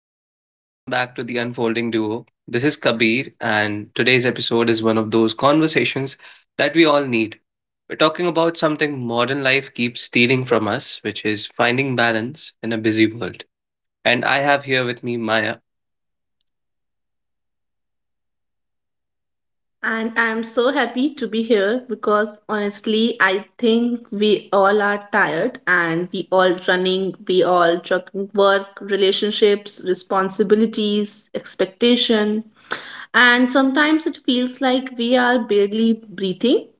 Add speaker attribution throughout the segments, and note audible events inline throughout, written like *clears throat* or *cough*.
Speaker 1: everyone, and welcome back to the Unfolding Duo. This is Kabir, and today's episode is one of those conversations that we all need. We're talking about something modern life keeps stealing from us, which is finding balance in a busy world. And I have here with me Maya.
Speaker 2: And I'm so happy to be here because honestly, I think we all are tired and we all running, we all juggling work, relationships, responsibilities, expectation. And sometimes it feels like we are barely breathing.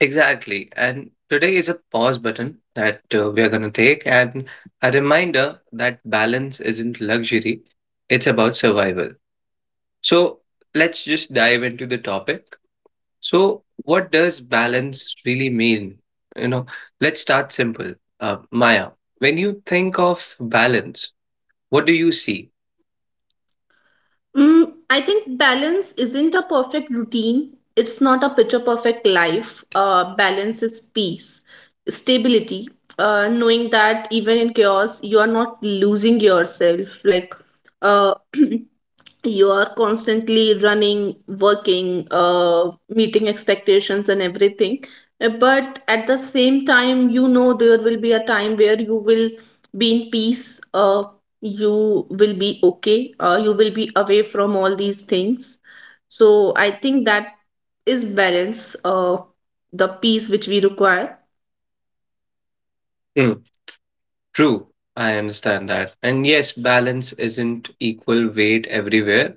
Speaker 1: Exactly. And today is a pause button that we are going to take, and a reminder that balance isn't luxury, it's about survival. So, let's just dive into the topic. So, what does balance really mean? You know, let's start simple. Maya, when you think of balance, what do you see?
Speaker 2: Mm, I think balance isn't a perfect routine. It's not a picture perfect life. Balance is peace, stability, knowing that even in chaos, you are not losing yourself. Like, uh, *clears throat* you are constantly running, working, meeting expectations and everything. But at the same time, you know there will be a time where you will be in peace. You will be okay you will be away from all these things so I think that is balance, the peace which we require.
Speaker 1: Hmm. True, I understand that. And yes, balance isn't equal weight everywhere.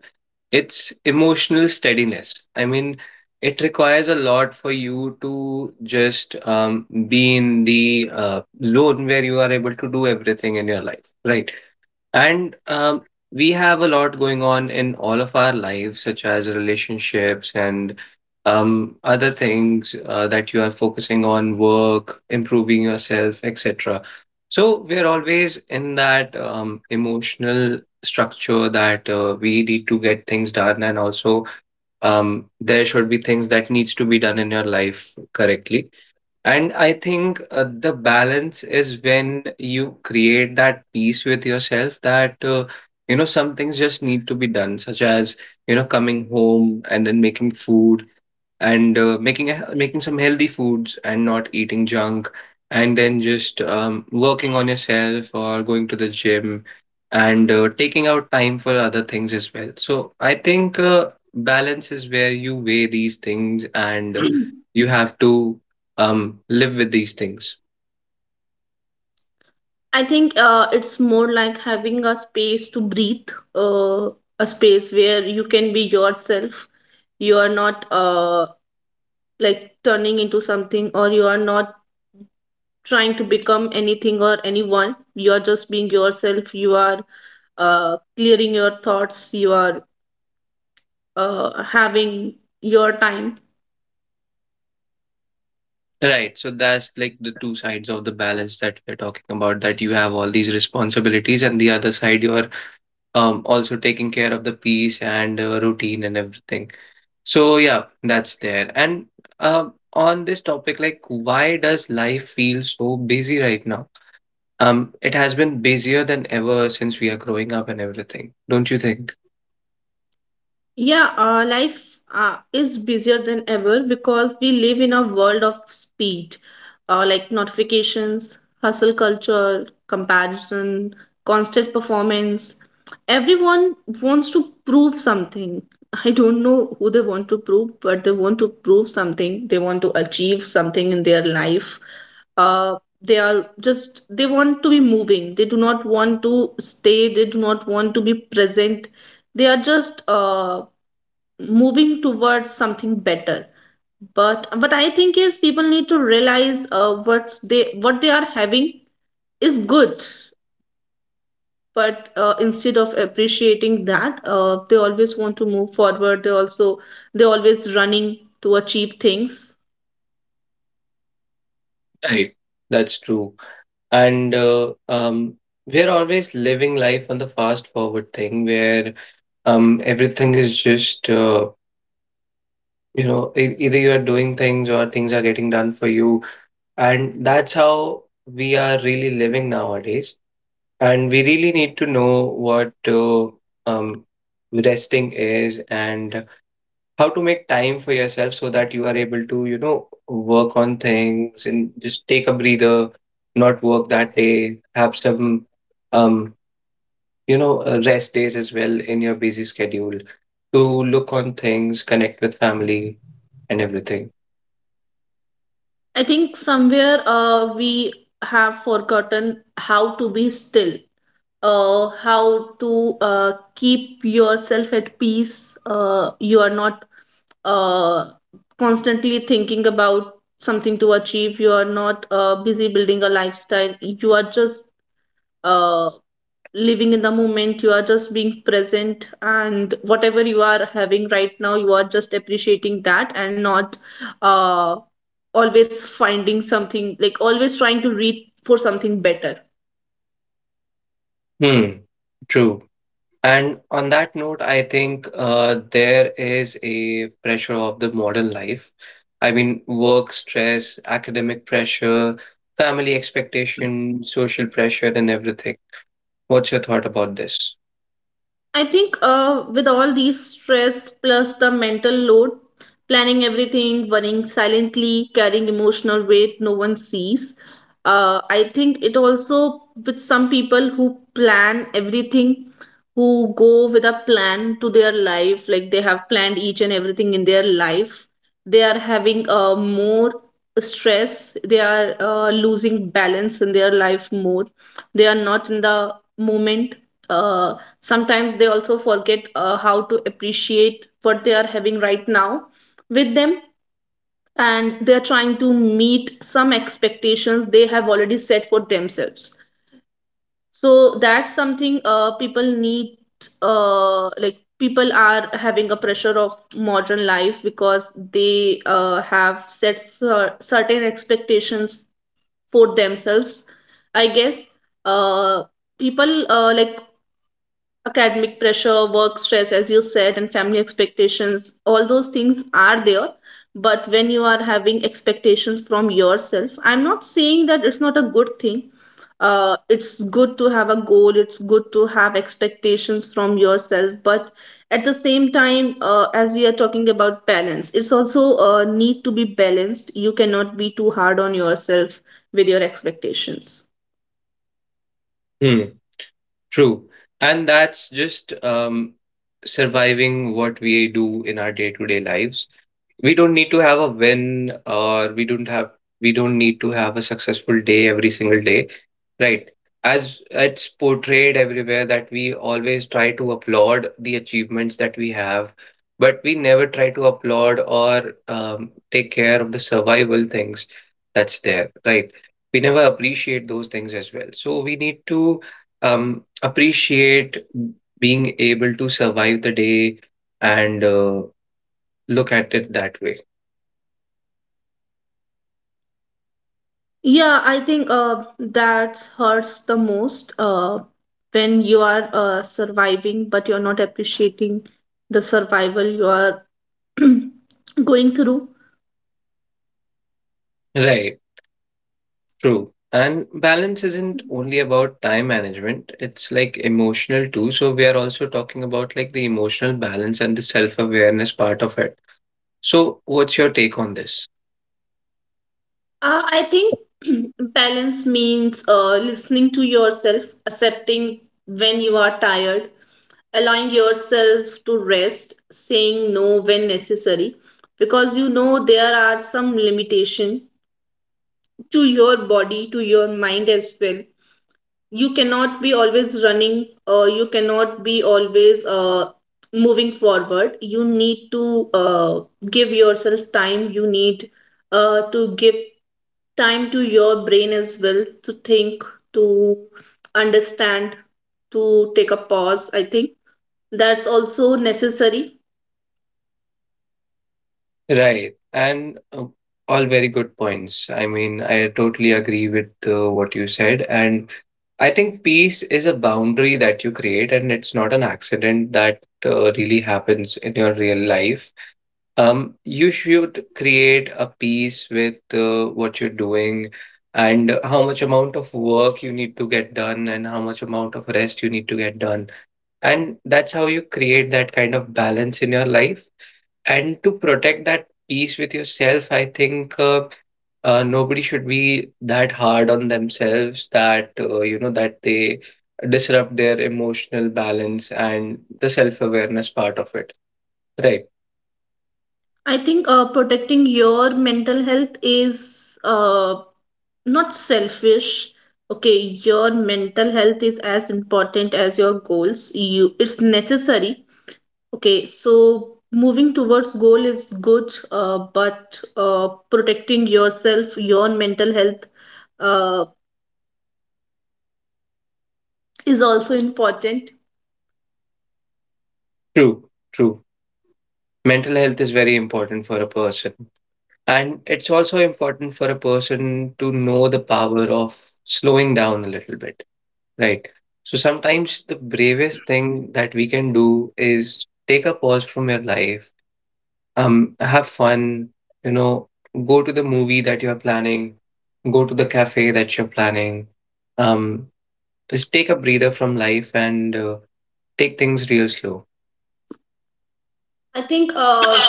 Speaker 1: It's emotional steadiness. I mean, it requires a lot for you to just be in the zone where you are able to do everything in your life, right? And we have a lot going on in all of our lives, such as relationships and other things that you are focusing on, work, improving yourself, etc. So we're always in that emotional structure that we need to get things done, and also there should be things that needs to be done in your life correctly. And I think the balance is when you create that peace with yourself that, you know, some things just need to be done, such as, you know, coming home and then making food and making making some healthy foods and not eating junk, and then just working on yourself or going to the gym and taking out time for other things as well. So I think balance is where you weigh these things and
Speaker 2: *clears throat*
Speaker 1: you have to live with these things.
Speaker 2: I think it's more like having a space to breathe, uh, a space where you can be yourself. You are not like turning into something, or you are not trying to become anything or anyone. You are just being yourself. You are clearing your thoughts. You are having your time.
Speaker 1: Right, so that's like the two sides of the balance that we're talking about, that you have all these responsibilities, and the other side you're also taking care of the peace and routine and everything. So yeah, that's there. And on this topic, like, why does life feel so busy right now? It has been busier than ever since we are growing up and everything, don't you think?
Speaker 2: Yeah, life is busier than ever because we live in a world of speed, like notifications, hustle culture, comparison, constant performance. Everyone wants to prove something. I don't know who they want to prove, but they want to prove something. They want to achieve something in their life, uh, they are just they want to be moving. They do not want to stay. They do not want to be present. They are just moving towards something better. But what I think is people need to realize what they are having is good, but instead of appreciating that, they always want to move forward. They also, they always running to achieve things.
Speaker 1: Right. That's true. And we're always living life on the fast forward thing where everything is just you know, either you are doing things or things are getting done for you. And that's how we are really living nowadays. And we really need to know what um, resting is and how to make time for yourself so that you are able to, you know, work on things and just take a breather, not work that day, have some, um, you know, rest days as well in your busy schedule to look on things, connect with family, and everything.
Speaker 2: I think somewhere we have forgotten how to be still, how to keep yourself at peace. You are not uh, constantly thinking about something to achieve. You are not busy building a lifestyle. You are just uh, living in the moment. You are just being present, and whatever you are having right now you are just appreciating that and not uh always finding something, like always trying to reach for something better.
Speaker 1: Hmm, true. And on that note, I think there is a pressure of the modern life. I mean, work stress, academic pressure, family expectation, social pressure, and everything. What's your thought about this?
Speaker 2: I think with all these stress plus the mental load, planning everything, worrying silently, carrying emotional weight no one sees. I think it also with some people who plan everything, who go with a plan to their life, like they have planned each and everything in their life. They are having more stress. They are losing balance in their life more. They are not in the moment. Uh, Sometimes they also forget how to appreciate what they are having right now with them, and they are trying to meet some expectations they have already set for themselves. So that's something people need, like people are having a pressure of modern life because they have set certain expectations for themselves, I guess. Uh, people uh, like academic pressure, work stress, as you said, and family expectations, all those things are there. But when you are having expectations from yourself, I'm not saying that it's not a good thing. It's good to have a goal, it's good to have expectations from yourself. But at the same time, as we are talking about balance, it's also need to be balanced. You cannot be too hard on yourself with your expectations.
Speaker 1: Hmm, true. And that's just surviving what we do in our day-to-day lives. We don't need to have a win, or we don't need to have a successful day every single day. Right. As it's portrayed everywhere that we always try to applaud the achievements that we have, but we never try to applaud or take care of the survival things that's there, right? We never appreciate those things as well. So we need to appreciate being able to survive the day and look at it that way.
Speaker 2: Yeah, I think that hurts the most when you are surviving, but you're not appreciating the survival you are *clears throat* going through.
Speaker 1: Right. True. And balance isn't only about time management, it's like emotional too. So we are also talking about like the emotional balance and the self-awareness part of it. So what's your take on this?
Speaker 2: I think *clears throat* balance means listening to yourself, accepting when you are tired, allowing yourself to rest, saying no when necessary, because you know there are some limitation to your body, to your mind as well. You cannot be always running. You cannot be always moving forward. You need to give yourself time. You need to give time to your brain as well, to think, to understand, to take a pause. I think that's also necessary.
Speaker 1: Right. And all very good points. I mean, I totally agree with what you said. And I think peace is a boundary that you create, and it's not an accident that really happens in your real life. You should create a piece with what you're doing and how much amount of work you need to get done and how much amount of rest you need to get done. And that's how you create that kind of balance in your life. And to protect that peace with yourself, I think nobody should be that hard on themselves that you know that they disrupt their emotional balance and the self-awareness part of it. Right.
Speaker 2: I think protecting your mental health is not selfish. Okay, your mental health is as important as your goals. You, it's necessary. Okay, so moving towards goal is good, but protecting yourself, your mental health, uh, is also important.
Speaker 1: True. True. Mental health is very important for a person. And it's also important for a person to know the power of slowing down a little bit, right? So sometimes the bravest thing that we can do is take a pause from your life, have fun, you know, go to the movie that you're planning, go to the cafe that you're planning. Um, just take a breather from life and take things real slow.
Speaker 2: I think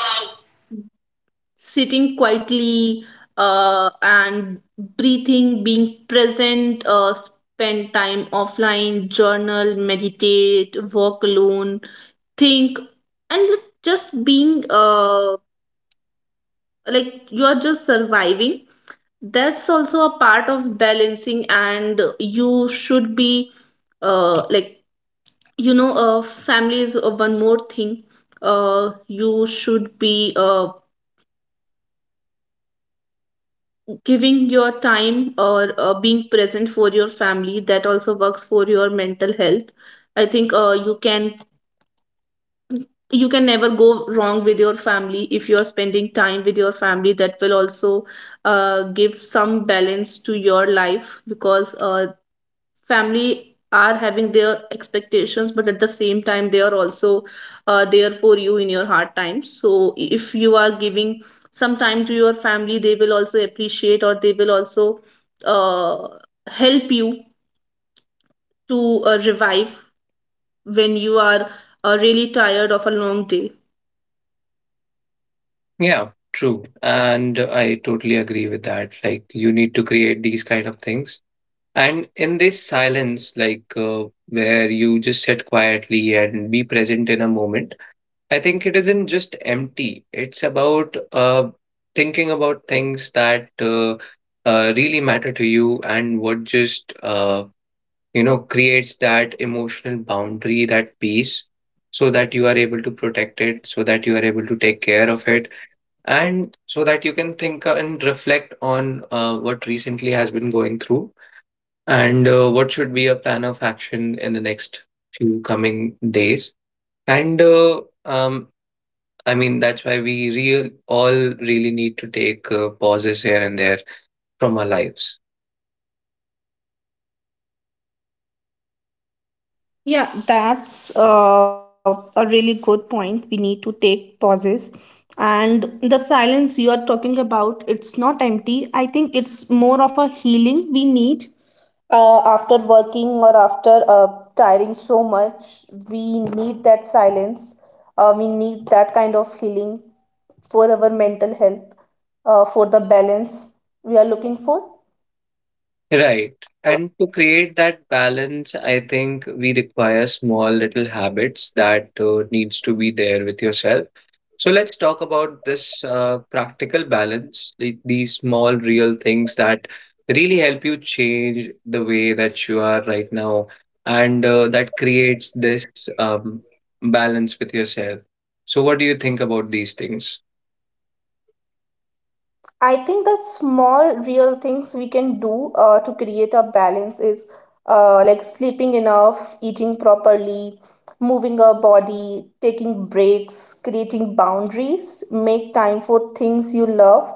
Speaker 2: sitting quietly and breathing, being present, spend time offline, journal, meditate, walk alone, think, and like just being, like you are just surviving, that's also a part of balancing. And you should be, like, you know, family is one more thing. You should be giving your time, or being present for your family. That also works for your mental health. I think you can, you can never go wrong with your family. If you are spending time with your family, that will also give some balance to your life, because family are having their expectations, but at the same time they are also there for you in your hard times. So if you are giving some time to your family, they will also appreciate, or they will also uh, help you to revive when you are really tired of a long day.
Speaker 1: Yeah, true. And I totally agree with that. Like, you need to create these kind of things. And in this silence, like, where you just sit quietly and be present in a moment, I think it isn't just empty. It's about thinking about things that really matter to you and what just, you know, creates that emotional boundary, that peace, so that you are able to protect it, so that you are able to take care of it and so that you can think and reflect on what recently has been going through and what should be a plan of action in the next few coming days and um, I mean that's why we really need to take pauses here and there from our lives.
Speaker 2: Yeah, that's a really good point. We need to take pauses. And the silence you are talking about, it's not empty. I think it's more of a healing we need. After working or after tiring so much, we need that silence. We need that kind of healing for our mental health, for the balance we are looking for.
Speaker 1: Right. And to create that balance I think we require small little habits that needs to be there with yourself. So let's talk about this practical balance, these small, real things that really help you change the way that you are right now, and that creates this um, balance with yourself. So, what do you think about these things?
Speaker 2: I think the small real things we can do to create a balance is like sleeping enough, eating properly, moving our body, taking breaks, creating boundaries, make time for things you love,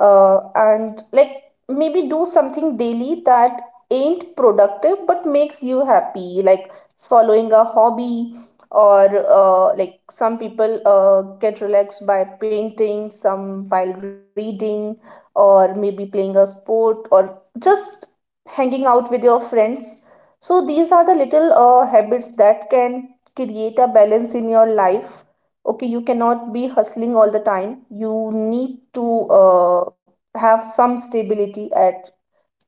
Speaker 2: and like maybe do something daily that ain't productive but makes you happy, like following a hobby, or like some people get relaxed by painting, some while reading, or maybe playing a sport, or just hanging out with your friends. So these are the little habits that can create a balance in your life. Okay, you cannot be hustling all the time. You need to have some stability at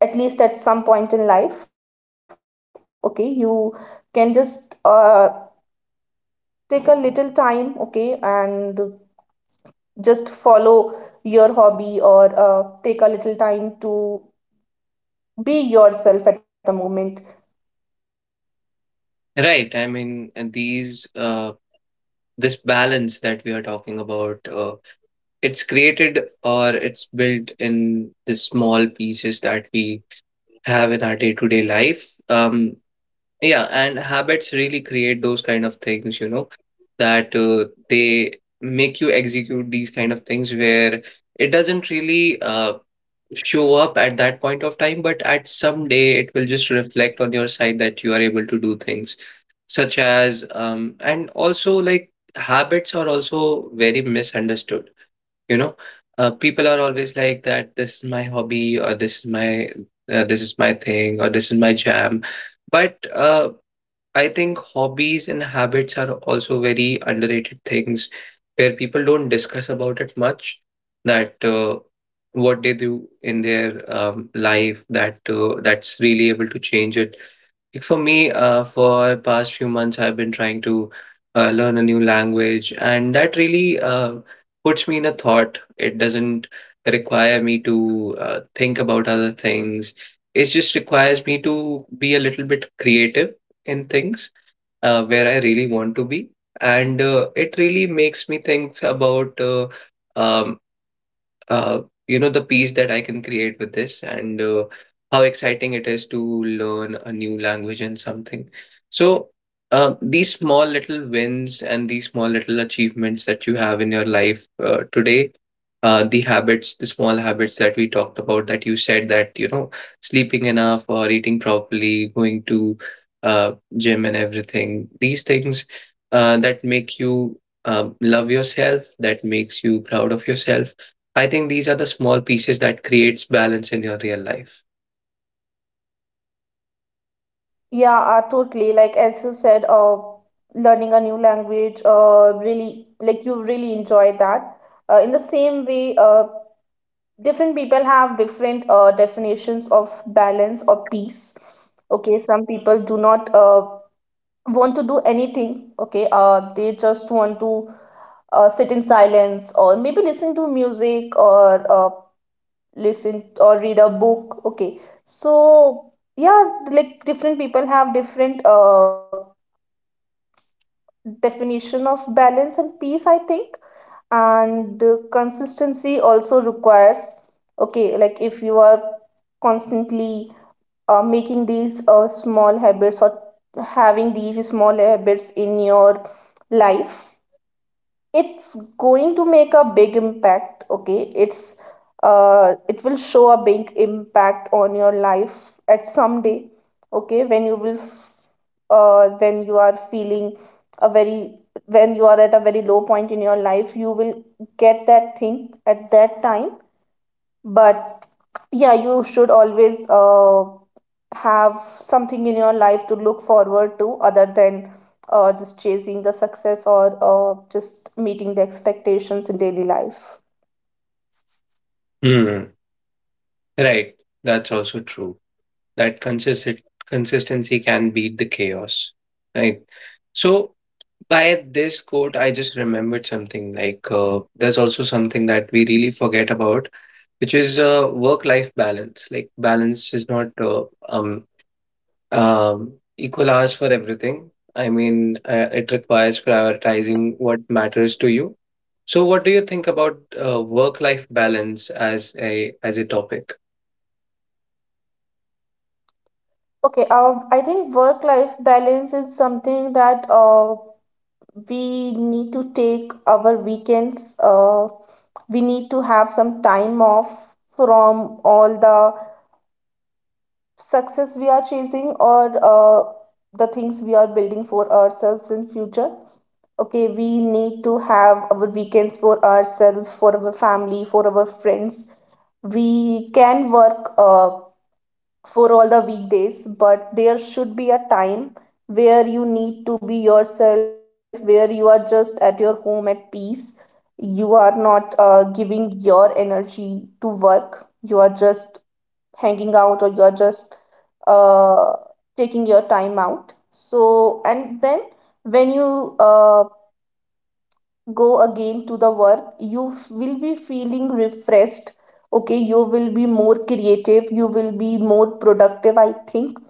Speaker 2: least at some point in life. Okay, you can just take a little time, okay, and just follow your hobby, or take a little time to be yourself at the moment.
Speaker 1: Right. I mean, and these this balance that we are talking about, it's created or it's built in the small pieces that we have in our day-to-day life. Yeah, and habits really create those kind of things, you know, that they make you execute these kind of things where it doesn't really show up at that point of time, but at some day it will just reflect on your side that you are able to do things, such as, and also like habits are also very misunderstood, you know. People are always like that, this is my hobby, or this is my thing, or this is my jam. But I think hobbies and habits are also very underrated things where people don't discuss about it much, that what they do in their life that that's really able to change it. Like for me, for past few months, I've been trying to learn a new language, and that really puts me in a thought. It doesn't require me to think about other things. It just requires me to be a little bit creative in things where I really want to be. And it really makes me think about um, uh, you know, the peace that I can create with this and how exciting it is to learn a new language and something. So, these small little wins and these small little achievements that you have in your life today, the habits, the small habits that we talked about, that you said that, you know, sleeping enough or eating properly, going to uh, gym and everything, these things that make you love yourself, that makes you proud of yourself. I think these are the small pieces that creates balance in your real life.
Speaker 2: Yeah, totally, like as you said, learning a new language, really, like you really enjoy that. In the same way, different people have different definitions of balance or peace. Okay, some people do not want to do anything. Okay, they just want to sit in silence, or maybe listen to music, or listen or read a book. Okay, so yeah, like different people have different definition of balance and peace, I think. And consistency also requires. Okay, like if you are constantly making these small habits, or having these small habits in your life, it's going to make a big impact. Okay, it's, it will show a big impact on your life at some day. Okay, when you will when you are feeling a very, when you are at a very low point in your life, you will get that thing at that time. But yeah, you should always have something in your life to look forward to, other than just chasing the success, or just meeting the expectations in daily life.
Speaker 1: Hmm. Right. That's also true. That consistent consistency can beat the chaos. Right. So by this quote, I just remembered something like there's also something that we really forget about, which is work-life balance. Like balance is not um um, equal hours for everything. I mean, it requires prioritizing what matters to you. So, what do you think about work-life balance as a topic?
Speaker 2: Okay, I think work-life balance is something that we need to take our weekends. We need to have some time off from all the success we are chasing, or the things we are building for ourselves in future. Okay, we need to have our weekends for ourselves, for our family, for our friends. We can work for all the weekdays, but there should be a time where you need to be yourself, where you are just at your home at peace. You are not giving your energy to work. You are just hanging out, or you are just uh, taking your time out. So and then when you go again to the work, you will be feeling refreshed. Okay, you will be more creative, you will be more productive, I think,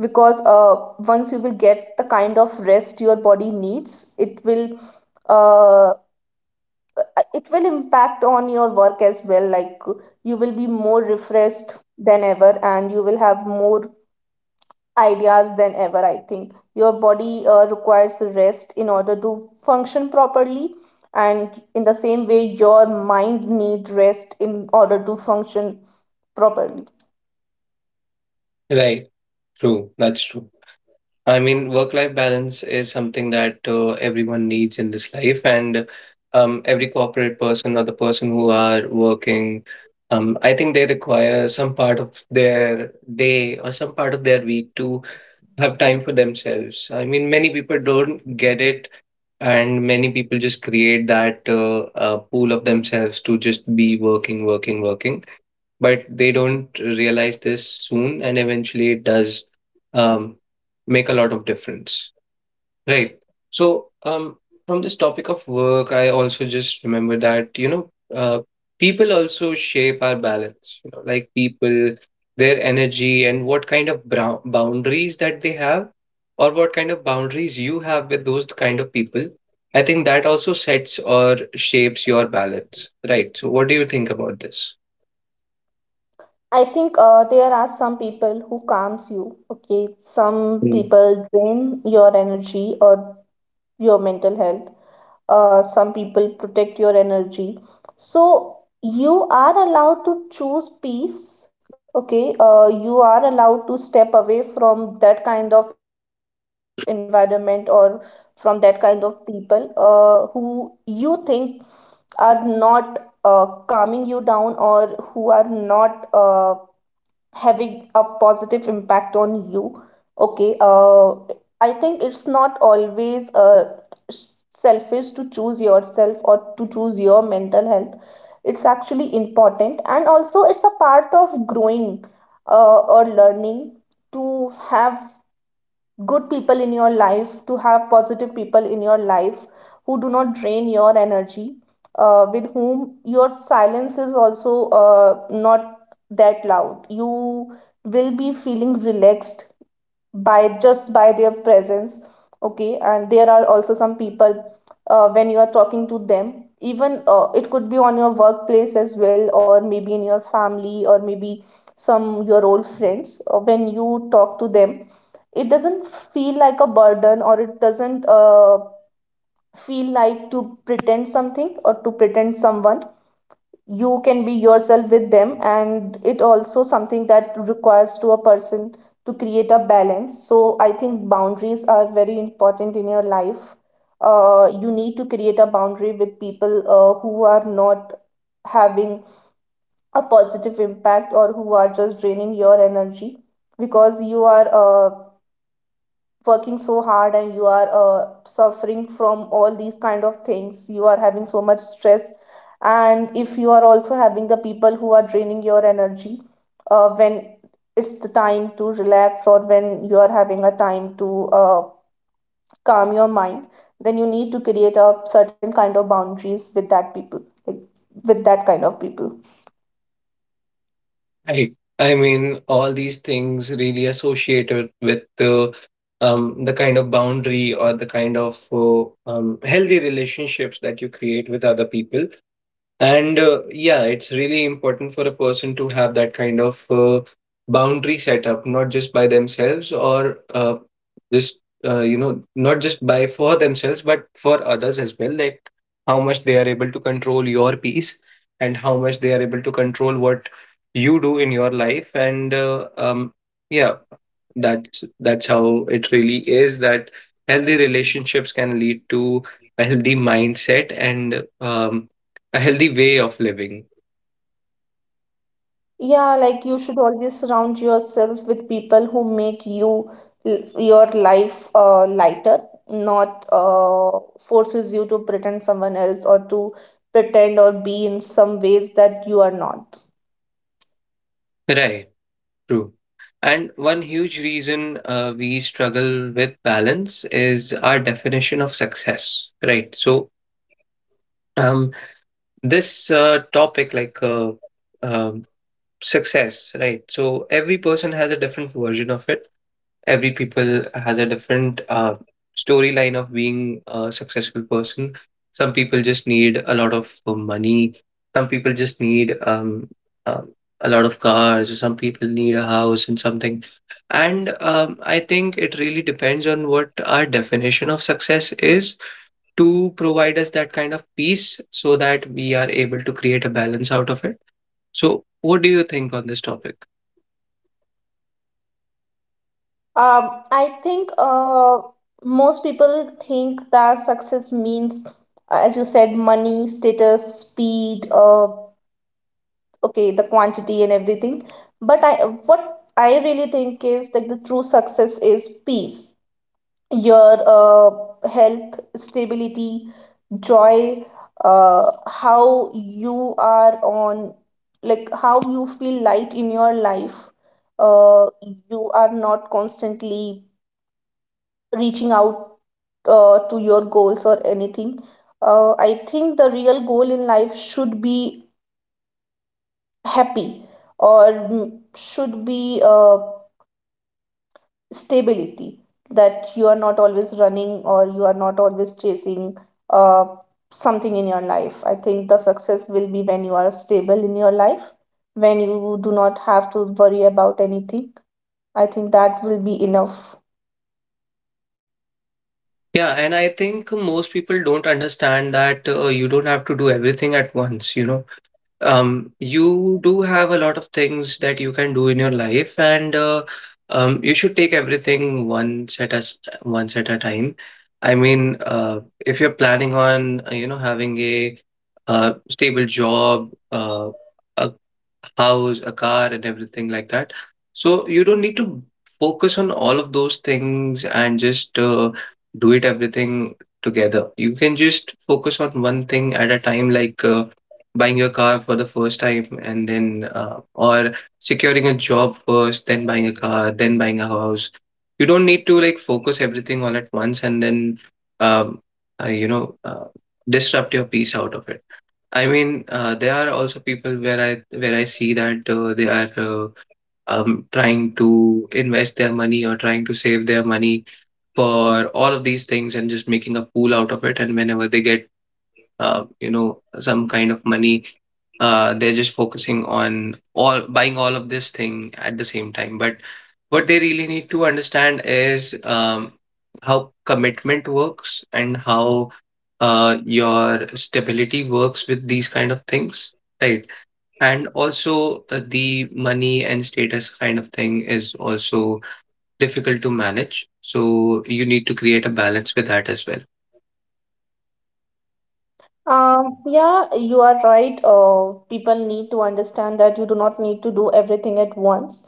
Speaker 2: because once you will get the kind of rest your body needs, uh, it will impact on your work as well. Like, you will be more refreshed than ever, and you will have more ideas than ever. I think your body requires rest in order to function properly, and in the same way your mind needs rest in order to function properly.
Speaker 1: Right, true. That's true. I mean, work-life balance is something that everyone needs in this life, and every corporate person or the person who are working, I think they require some part of their day or some part of their week to have time for themselves. I mean, many people don't get it, and many people just create that pool of themselves to just be working, working, working. But they don't realize this soon, and eventually it does um, make a lot of difference. Right. So, from this topic of work, I also just remember that, uh, people also shape our balance, you know, like people, their energy and what kind of boundaries that they have, or what kind of boundaries you have with those kind of people. I think that also sets or shapes your balance, right? So, what do you think about this?
Speaker 2: I think there are some people who calms you. Okay, some people drain your energy or your mental health. Uh, some people protect your energy. So you are allowed to choose peace. Okay, you are allowed to step away from that kind of environment or from that kind of people who you think are not calming you down, or who are not having a positive impact on you. Okay, I think it's not always selfish to choose yourself or to choose your mental health. It's actually important, and also it's a part of growing or learning to have good people in your life, to have positive people in your life who do not drain your energy, with whom your silence is also not that loud. You will be feeling relaxed by just by their presence. Okay, and there are also some people when you are talking to them. Even it could be on your workplace as well, or maybe in your family, or maybe some your old friends. When you talk to them, it doesn't feel like a burden, or it doesn't feel like to pretend something or to pretend someone. You can be yourself with them, and it also something that requires to a person to create a balance. So I think boundaries are very important in your life. Uh, you need to create a boundary with people who are not having a positive impact, or who are just draining your energy, because you are working so hard, and you are suffering from all these kind of things. You are having so much stress, and if you are also having the people who are draining your energy when it's the time to relax, or when you are having a time to calm your mind, then you need to create a certain kind of boundaries with that people, like, with that kind of people.
Speaker 1: Right. I mean, all these things really associated with the kind of boundary or the kind of healthy relationships that you create with other people. And yeah, it's really important for a person to have that kind of boundary set up, not just by themselves or just, not just by for themselves, but for others as well. Like how much they are able to control your peace and how much they are able to control what you do in your life. And yeah, that's how it really is that healthy relationships can lead to a healthy mindset and a healthy way of living.
Speaker 2: Yeah, like you should always surround yourself with people who make you your life lighter, not forces you to pretend someone else or to pretend or be in some ways that you are not.
Speaker 1: Right, true. And one huge reason we struggle with balance is our definition of success. Right. So, um, this topic, like um, success, right? So, every person has a different version of it. Every people has a different storyline of being a successful person. Some people just need a lot of money. Some people just need um a lot of cars, or some people need a house and something. And I think it really depends on what our definition of success is, to provide us that kind of peace so that we are able to create a balance out of it. So what do you think on this topic?
Speaker 2: I think most people think that success means, as you said, money, status, speed, okay, the quantity and everything. But I, what I really think is that the true success is peace, your health, stability, joy, how you are on, like how you feel light in your life. Uh, you are not constantly reaching out to your goals or anything. I think the real goal in life should be happy, or mm, should be stability, that you are not always running, or you are not always chasing uh, something in your life. I think the success will be when you are stable in your life, when you do not have to worry about anything. I think that will be enough.
Speaker 1: Yeah, and I think most people don't understand that you don't have to do everything at once, you know. You do have a lot of things that you can do in your life, and you should take everything one set at a time. I mean, if you're planning on having a stable job, a house, a car, and everything like that, so you don't need to focus on all of those things and just do it everything together. You can just focus on one thing at a time, like. Buying your car for the first time, and then or securing a job, first then buying a car, then buying a house. You don't need to like focus everything all at once and then um, uh, you know uh, disrupt your peace out of it. I mean, there are also people where I see that they are trying to invest their money or trying to save their money for all of these things and just making a pool out of it, and whenever they get some kind of money, they're just focusing on all buying all of this thing at the same time. But what they really need to understand is how commitment works, and how your stability works with these kind of things, right? And also the money and status kind of thing is also difficult to manage, so you need to create a balance with that as well.
Speaker 2: Yeah, you are right. People need to understand that you do not need to do everything at once,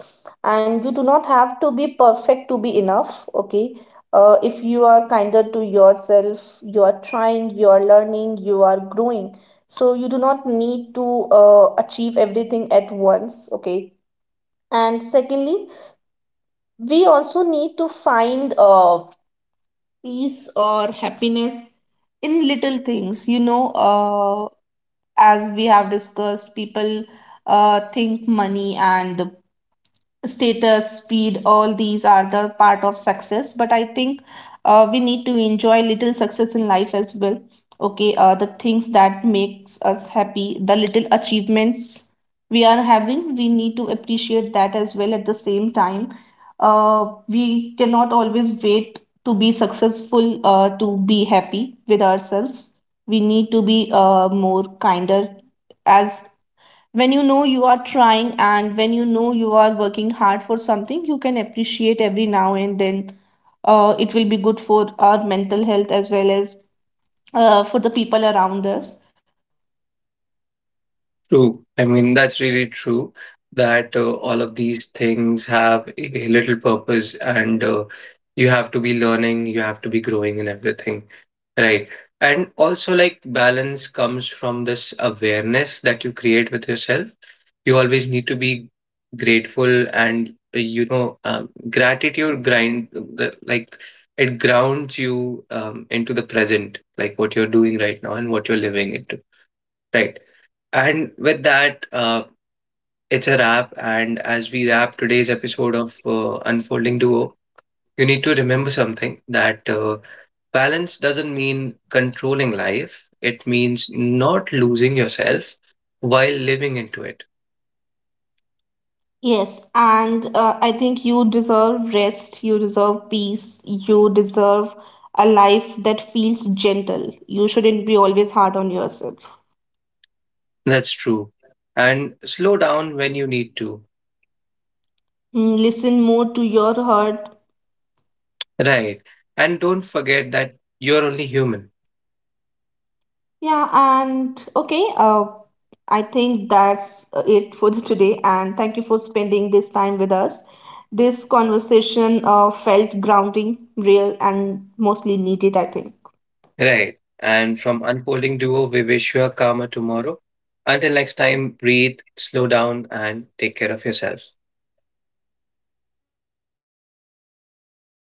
Speaker 2: and you do not have to be perfect to be enough. Okay. If you are kinder to yourself, you are trying, you are learning, you are growing. So you do not need to achieve everything at once. Okay. And secondly, we also need to find peace or happiness in little things. You know, as we have discussed, people think money and status, speed, all these are the part of success. But I think we need to enjoy little success in life as well. Okay, the things that makes us happy, the little achievements we are having, we need to appreciate that as well at the same time. We cannot always wait to be successful to be happy with ourselves. We need to be more kinder as when you know you are trying, and when you know you are working hard for something, you can appreciate every now and then. It will be good for our mental health as well as for the people around us.
Speaker 1: True. I mean, that's really true that all of these things have a little purpose, and you have to be learning, you have to be growing and everything, right? And also, like, balance comes from this awareness that you create with yourself. You always need to be grateful, and, gratitude grind, like, it grounds you into the present, like what you're doing right now and what you're living into, right? And with that, it's a wrap. And as we wrap today's episode of Unfolding Duo, you need to remember something, that balance doesn't mean controlling life, it means not losing yourself while living into it.
Speaker 2: Yes, and I think you deserve rest, you deserve peace, you deserve a life that feels gentle. You shouldn't be always hard on yourself.
Speaker 1: That's true. And slow down when you need to.
Speaker 2: Mm, listen more to your heart.
Speaker 1: Right. And don't forget that you're only human.
Speaker 2: Yeah, and I think that's it for the today. And thank you for spending this time with us. This conversation felt grounding, real, and mostly needed, I think.
Speaker 1: Right. And from Unfolding Duo, we wish you a calmer tomorrow. Until next time, breathe, slow down, and take care of yourself.